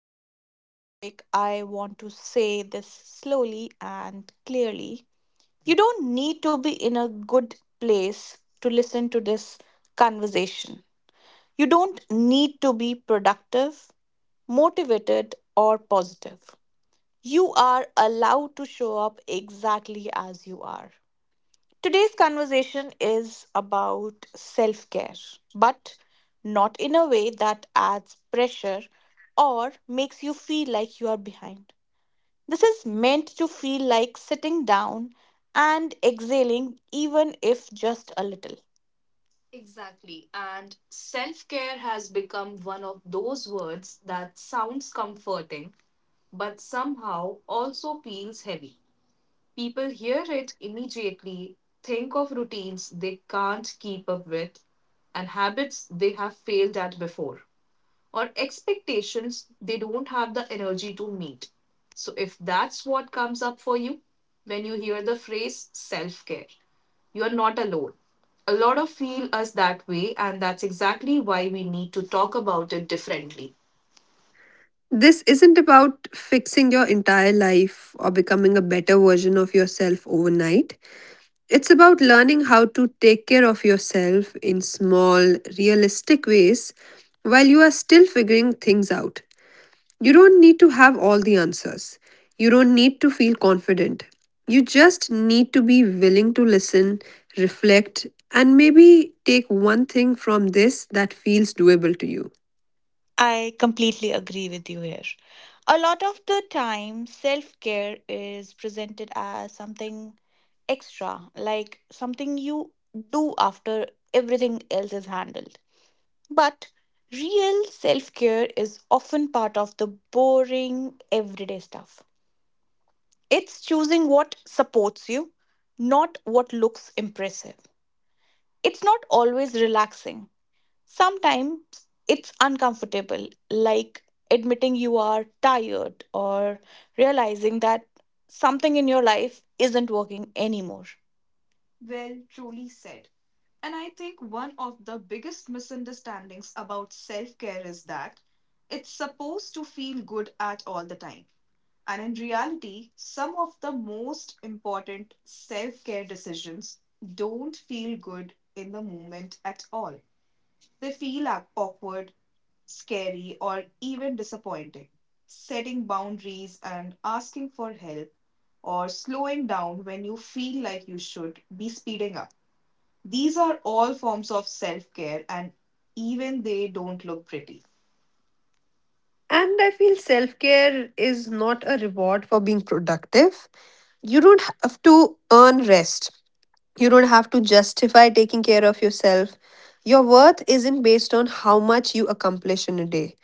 get into the topic, I want to say this slowly and clearly. You don't need to be in a good place to listen to this conversation. You don't need to be productive, motivated, or positive. You are allowed to show up exactly as you are. Today's conversation is about self care, but not in a way that adds pressure or makes you feel like you are behind. This is meant to feel like sitting down and exhaling, even if just a little. Exactly. And self care has become one of those words that sounds comforting, but somehow also feels heavy. People hear it immediately, think of routines they can't keep up with and habits they have failed at before, or expectations they don't have the energy to meet. So, if that's what comes up for you when you hear the phrase self care, you are not alone. A lot of feel us that way, and that's exactly why we need to talk about it differently. This isn't about fixing your entire life or becoming a better version of yourself overnight. It's about learning how to take care of yourself in small, realistic ways while you are still figuring things out. You don't need to have all the answers. You don't need to feel confident. You just need to be willing to listen, reflect, and maybe take one thing from this that feels doable to you. I completely agree with you here. A lot of the time, self care is presented as something extra, like something you do after everything else is handled. But real self care is often part of the boring, everyday stuff. It's choosing what supports you, not what looks impressive. It's not always relaxing. Sometimes it's uncomfortable, like admitting you are tired or realizing that something in your life isn't working anymore. Well, truly said. And I think one of the biggest misunderstandings about self care is that it's supposed to feel good at all the time. And in reality, some of the most important self care decisions don't feel good in the moment at all. They feel awkward, scary, or even disappointing. Setting boundaries and asking for help or slowing down when you feel like you should be speeding up. These are all forms of self care, and even they don't look pretty. And I feel self care is not a reward for being productive. You don't have to earn rest, you don't have to justify taking care of yourself. Your worth isn't based on how much you accomplish in a day.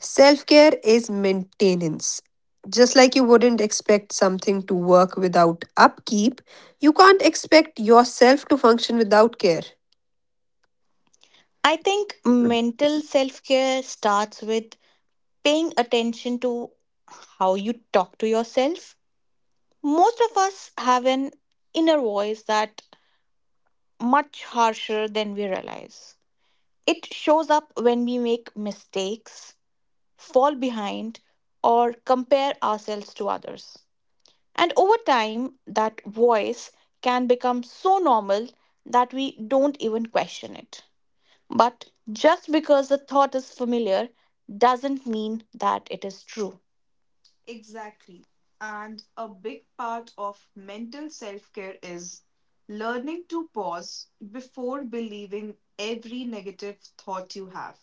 Self care is maintenance. Just like you wouldn't expect something to work without upkeep, you can't expect yourself to function without care. I think mental self care starts with paying attention to how you talk to yourself. Most of us have an inner voice that much harsher than we realize. It shows up when we make mistakes, fall behind, or compare ourselves to others. And over time, that voice can become so normal that we don't even question it. But just because the thought is familiar doesn't mean that it is true. Exactly. And a big part of mental self care is learning to pause before believing every negative thought you have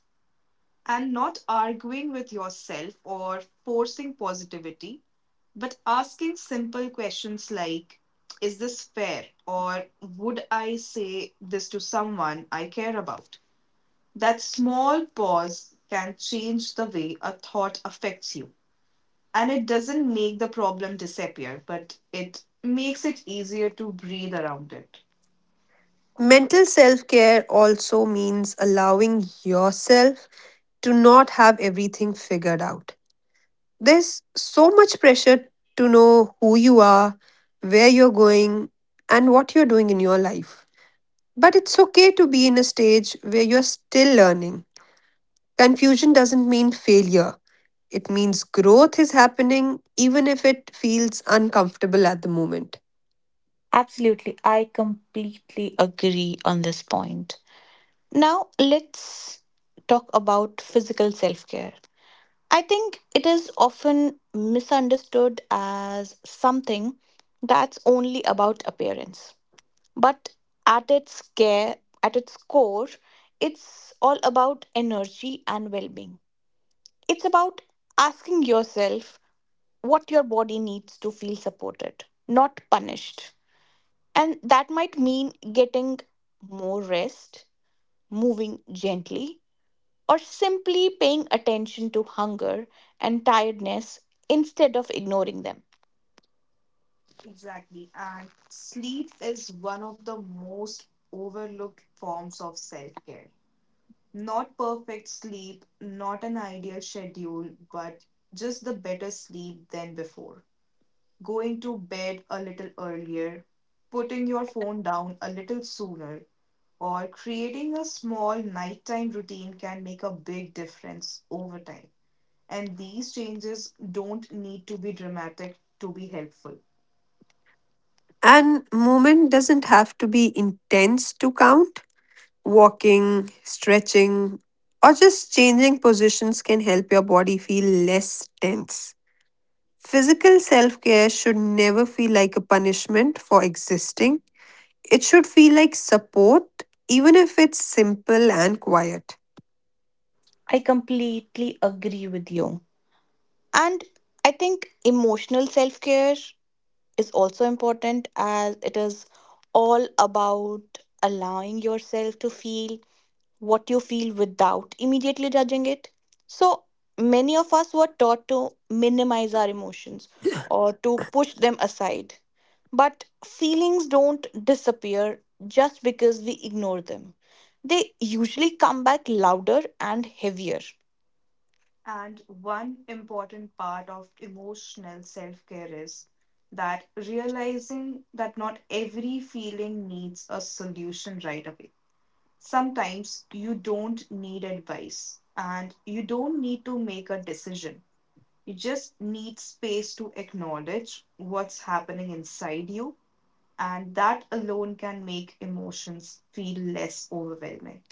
and not arguing with yourself or forcing positivity, but asking simple questions like, is this fair? Or would I say this to someone I care about? That small pause can change the way a thought affects you. And it doesn't make the problem disappear, but it makes it easier to breathe around it. Mental self care also means allowing yourself to not have everything figured out. There's so much pressure to know who you are, where you're going, and what you're doing in your life. But it's okay to be in a stage where you're still learning. Confusion doesn't mean failure, it means growth is happening, even if it feels uncomfortable at the moment. Absolutely. I completely agree on this point. Now, let's talk about physical self care. I think it is often misunderstood as something that's only about appearance. But at its care, at its core, it's all about energy and well-being. It's about asking yourself what your body needs to feel supported, not punished. And that might mean getting more rest, moving gently, or simply paying attention to hunger and tiredness instead of ignoring them. Exactly. And sleep is one of the most overlooked forms of self care. Not perfect sleep, not an ideal schedule, but just the better sleep than before. Going to bed a little earlier, putting your phone down a little sooner, or creating a small nighttime routine can make a big difference over time. And these changes don't need to be dramatic to be helpful. And movement doesn't have to be intense to count. Walking, stretching, or just changing positions can help your body feel less tense. Physical self care should never feel like a punishment for existing. It should feel like support, even if it's simple and quiet. I completely agree with you. And I think emotional self care is also important as it is all about allowing yourself to feel what you feel without immediately judging it. So many of us were taught to minimize our emotions or to push them aside. But feelings don't disappear just because we ignore them. They usually come back louder and heavier. And one important part of emotional self care is that realizing that not every feeling needs a solution right away. Sometimes you don't need advice and you don't need to make a decision. You just need space to acknowledge what's happening inside you, and that alone can make emotions feel less overwhelming.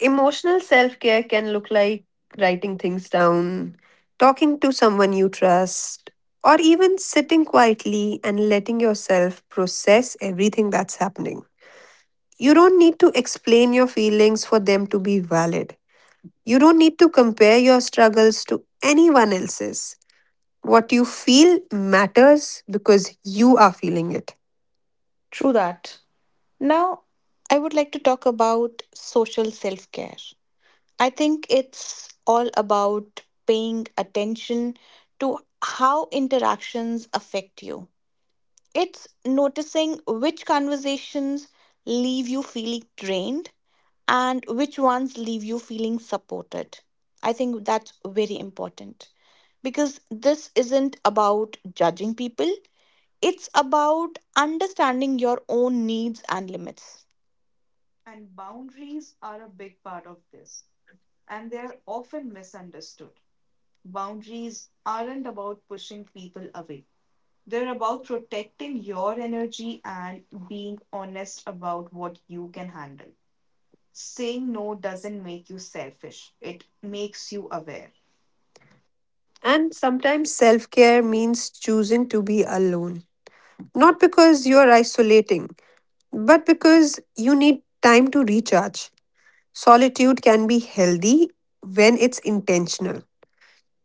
Emotional self care can look like writing things down, talking to someone you trust, or even sitting quietly and letting yourself process everything that's happening. You don't need to explain your feelings for them to be valid. You don't need to compare your struggles to anyone else's. What you feel matters because you are feeling it. True that. Now, I would like to talk about social self care. I think it's all about paying attention to how interactions affect you. It's noticing which conversations leave you feeling drained and which ones leave you feeling supported. I think that's very important because this isn't about judging people, it's about understanding your own needs and limits. And boundaries are a big part of this, and they're often misunderstood. Boundaries aren't about pushing people away, they're about protecting your energy and being honest about what you can handle. Saying no doesn't make you selfish, it makes you aware. And sometimes self care means choosing to be alone. Not because you're isolating, but because you need time to recharge. Solitude can be healthy when it's intentional.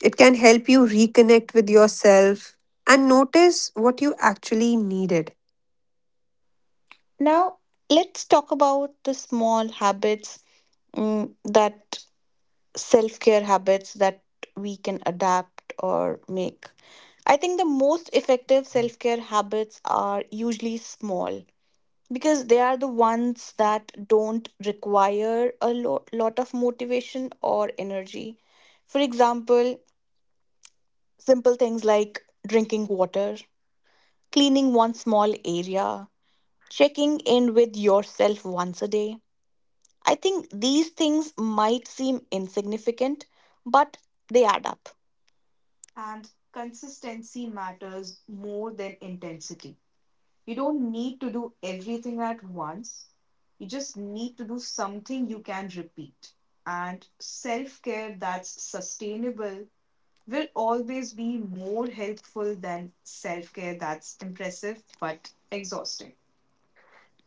It can help you reconnect with yourself and notice what you actually needed. Now, let's talk about the small habits that self care habits that we can adapt or make. I think the most effective self care habits are usually small, because they are the ones that don't require a lot of motivation or energy. For example, simple things like drinking water, cleaning one small area, checking in with yourself once a day. I think these things might seem insignificant, but they add up. And consistency matters more than intensity. You don't need to do everything at once. You just need to do something you can repeat. And self care that's sustainable will always be more helpful than self care that's impressive but exhausting.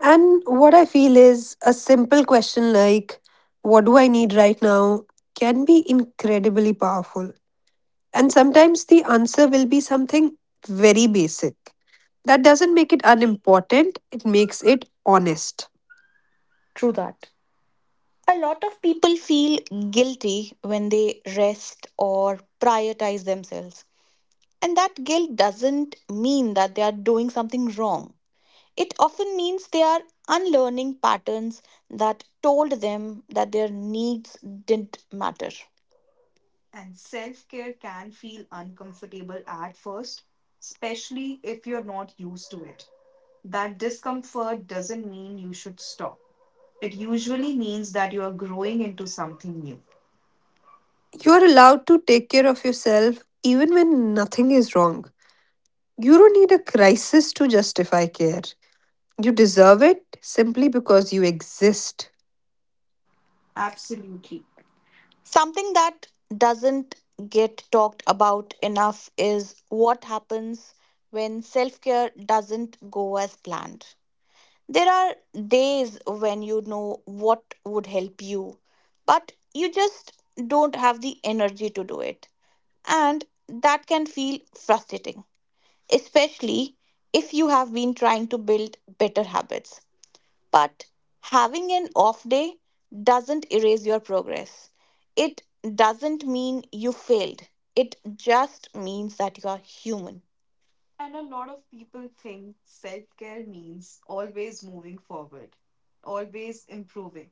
And what I feel is a simple question like, "What do I need right now?" can be incredibly powerful. And sometimes the answer will be something very basic. That doesn't make it unimportant, it makes it honest. True that. A lot of people feel guilty when they rest or prioritize themselves. And that guilt doesn't mean that they are doing something wrong. It often means they are unlearning patterns that told them that their needs didn't matter. And self care can feel uncomfortable at first, especially if you're not used to it. That discomfort doesn't mean you should stop, it usually means that you're growing into something new. You are allowed to take care of yourself even when nothing is wrong. You don't need a crisis to justify care. You deserve it simply because you exist. Absolutely. Something that doesn't get talked about enough is what happens when self care doesn't go as planned. There are days when you know what would help you, but you just don't have the energy to do it. And that can feel frustrating, especially if you have been trying to build better habits. But having an off day doesn't erase your progress. It doesn't mean you failed. It just means that you are human. And a lot of people think self care means always moving forward, always improving.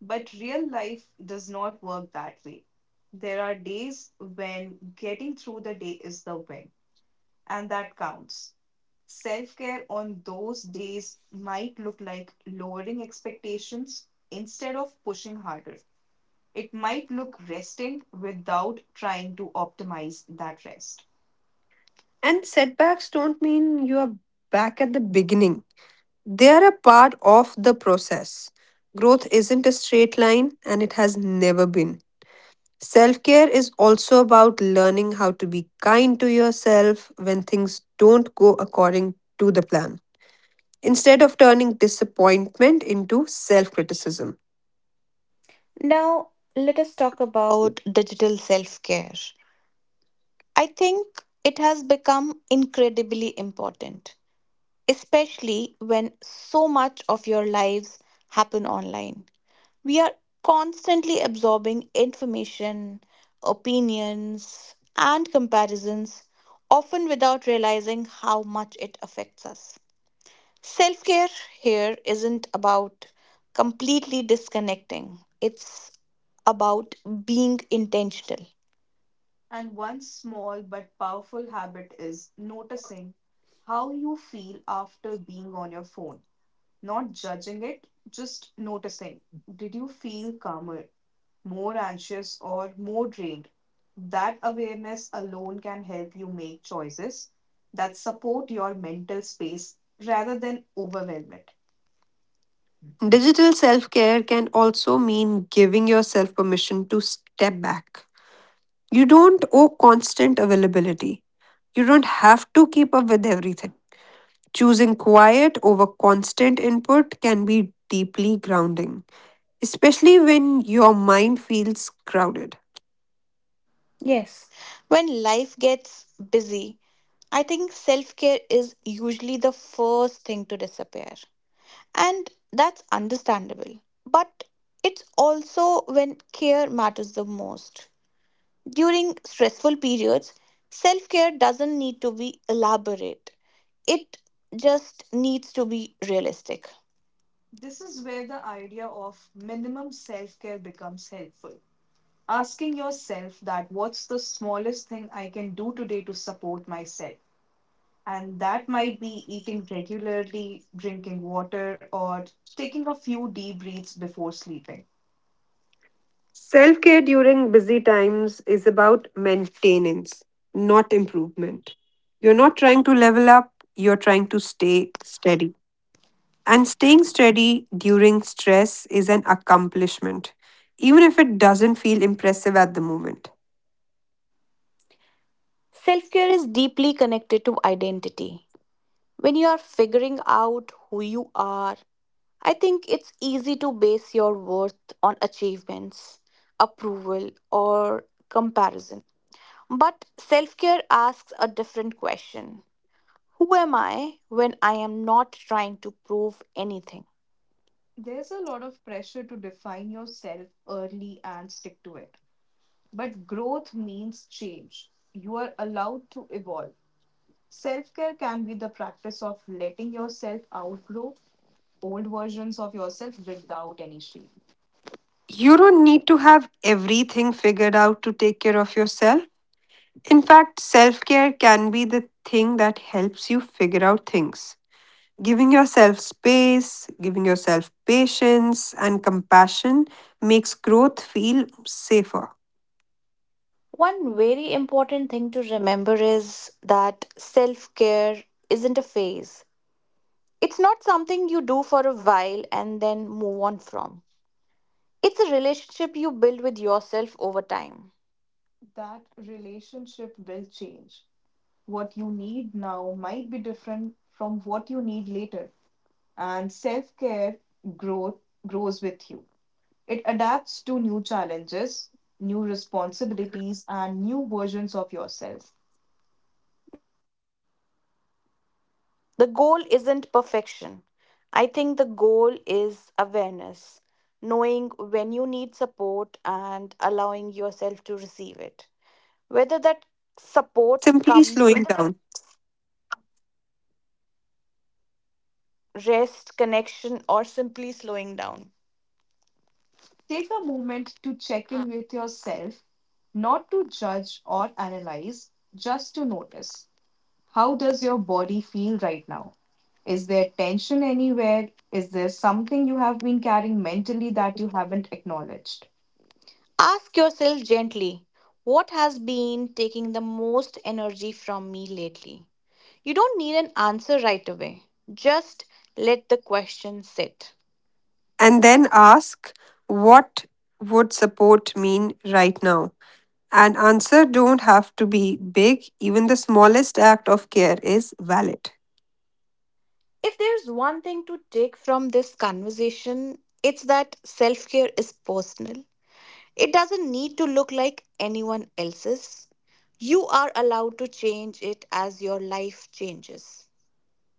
But real life does not work that way. There are days when getting through the day is the win, and that counts. Self care on those days might look like lowering expectations instead of pushing harder. It might look resting without trying to optimize that rest. And setbacks don't mean you are back at the beginning, they are a part of the process. Growth isn't a straight line, and it has never been. Self care is also about learning how to be kind to yourself when things don't go according to the plan, instead of turning disappointment into self criticism. Now, let us talk about digital self care. I think it has become incredibly important, especially when so much of your lives happen online. We are constantly absorbing information, opinions, and comparisons, often without realizing how much it affects us. Self care here isn't about completely disconnecting, it's about being intentional. And one small but powerful habit is noticing how you feel after being on your phone. Not judging it, just noticing. Did you feel calmer, more anxious, or more drained? That awareness alone can help you make choices that support your mental space rather than overwhelm it. Digital self care can also mean giving yourself permission to step back. You don't owe constant availability. You don't have to keep up with everything. Choosing quiet over constant input can be deeply grounding, especially when your mind feels crowded. Yes, when life gets busy, I think self care is usually the first thing to disappear. And that's understandable. But it's also when care matters the most. During stressful periods, self care doesn't need to be elaborate. It just needs to be realistic. This is where the idea of minimum self care becomes helpful. Asking yourself that what's the smallest thing I can do today to support myself? And that might be eating regularly, drinking water, or taking a few deep breaths before sleeping. Self care during busy times is about maintenance, not improvement. You're not trying to level up, you're trying to stay steady. And staying steady during stress is an accomplishment, even if it doesn't feel impressive at the moment. Self care is deeply connected to identity. When you are figuring out who you are, I think it's easy to base your worth on achievements, approval, or comparison. But self care asks a different question. Who am I when I am not trying to prove anything? There's a lot of pressure to define yourself early and stick to it. But growth means change. You are allowed to evolve. Self care can be the practice of letting yourself outgrow old versions of yourself without any shame. You don't need to have everything figured out to take care of yourself. In fact, self care can be the thing that helps you figure out things. Giving yourself space, giving yourself patience and compassion makes growth feel safer. One very important thing to remember is that self care isn't a phase. It's not something you do for a while and then move on from. It's a relationship you build with yourself over time. That relationship will change. What you need now might be different from what you need later. And self care growth grows with you. It adapts to new challenges, new responsibilities, and new versions of yourself. The goal isn't perfection. I think the goal is awareness, knowing when you need support and allowing yourself to receive it. Whether that support Simply comes slowing down rest, connection, or simply slowing down. Take a moment to check in with yourself, not to judge or analyze, just to notice. How does your body feel right now? Is there tension anywhere? Is there something you have been carrying mentally that you haven't acknowledged? Ask yourself gently what has been taking the most energy from me lately? You don't need an answer right away, just let the question sit. and then ask what would support mean right now. An answer don't have to be big, even the smallest act of care is valid. If there's one thing to take from this conversation, it's that self care is personal. It doesn't need to look like anyone else's. You are allowed to change it as your life changes.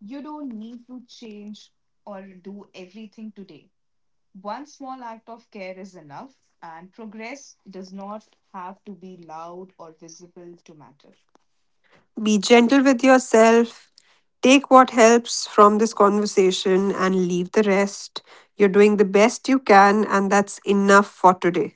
You don't need to change or do everything today. One small act of care is enough, and progress does not have to be loud or visible to matter. Be gentle with yourself, take what helps from this conversation and leave the rest. You're doing the best you can, and that's enough for today.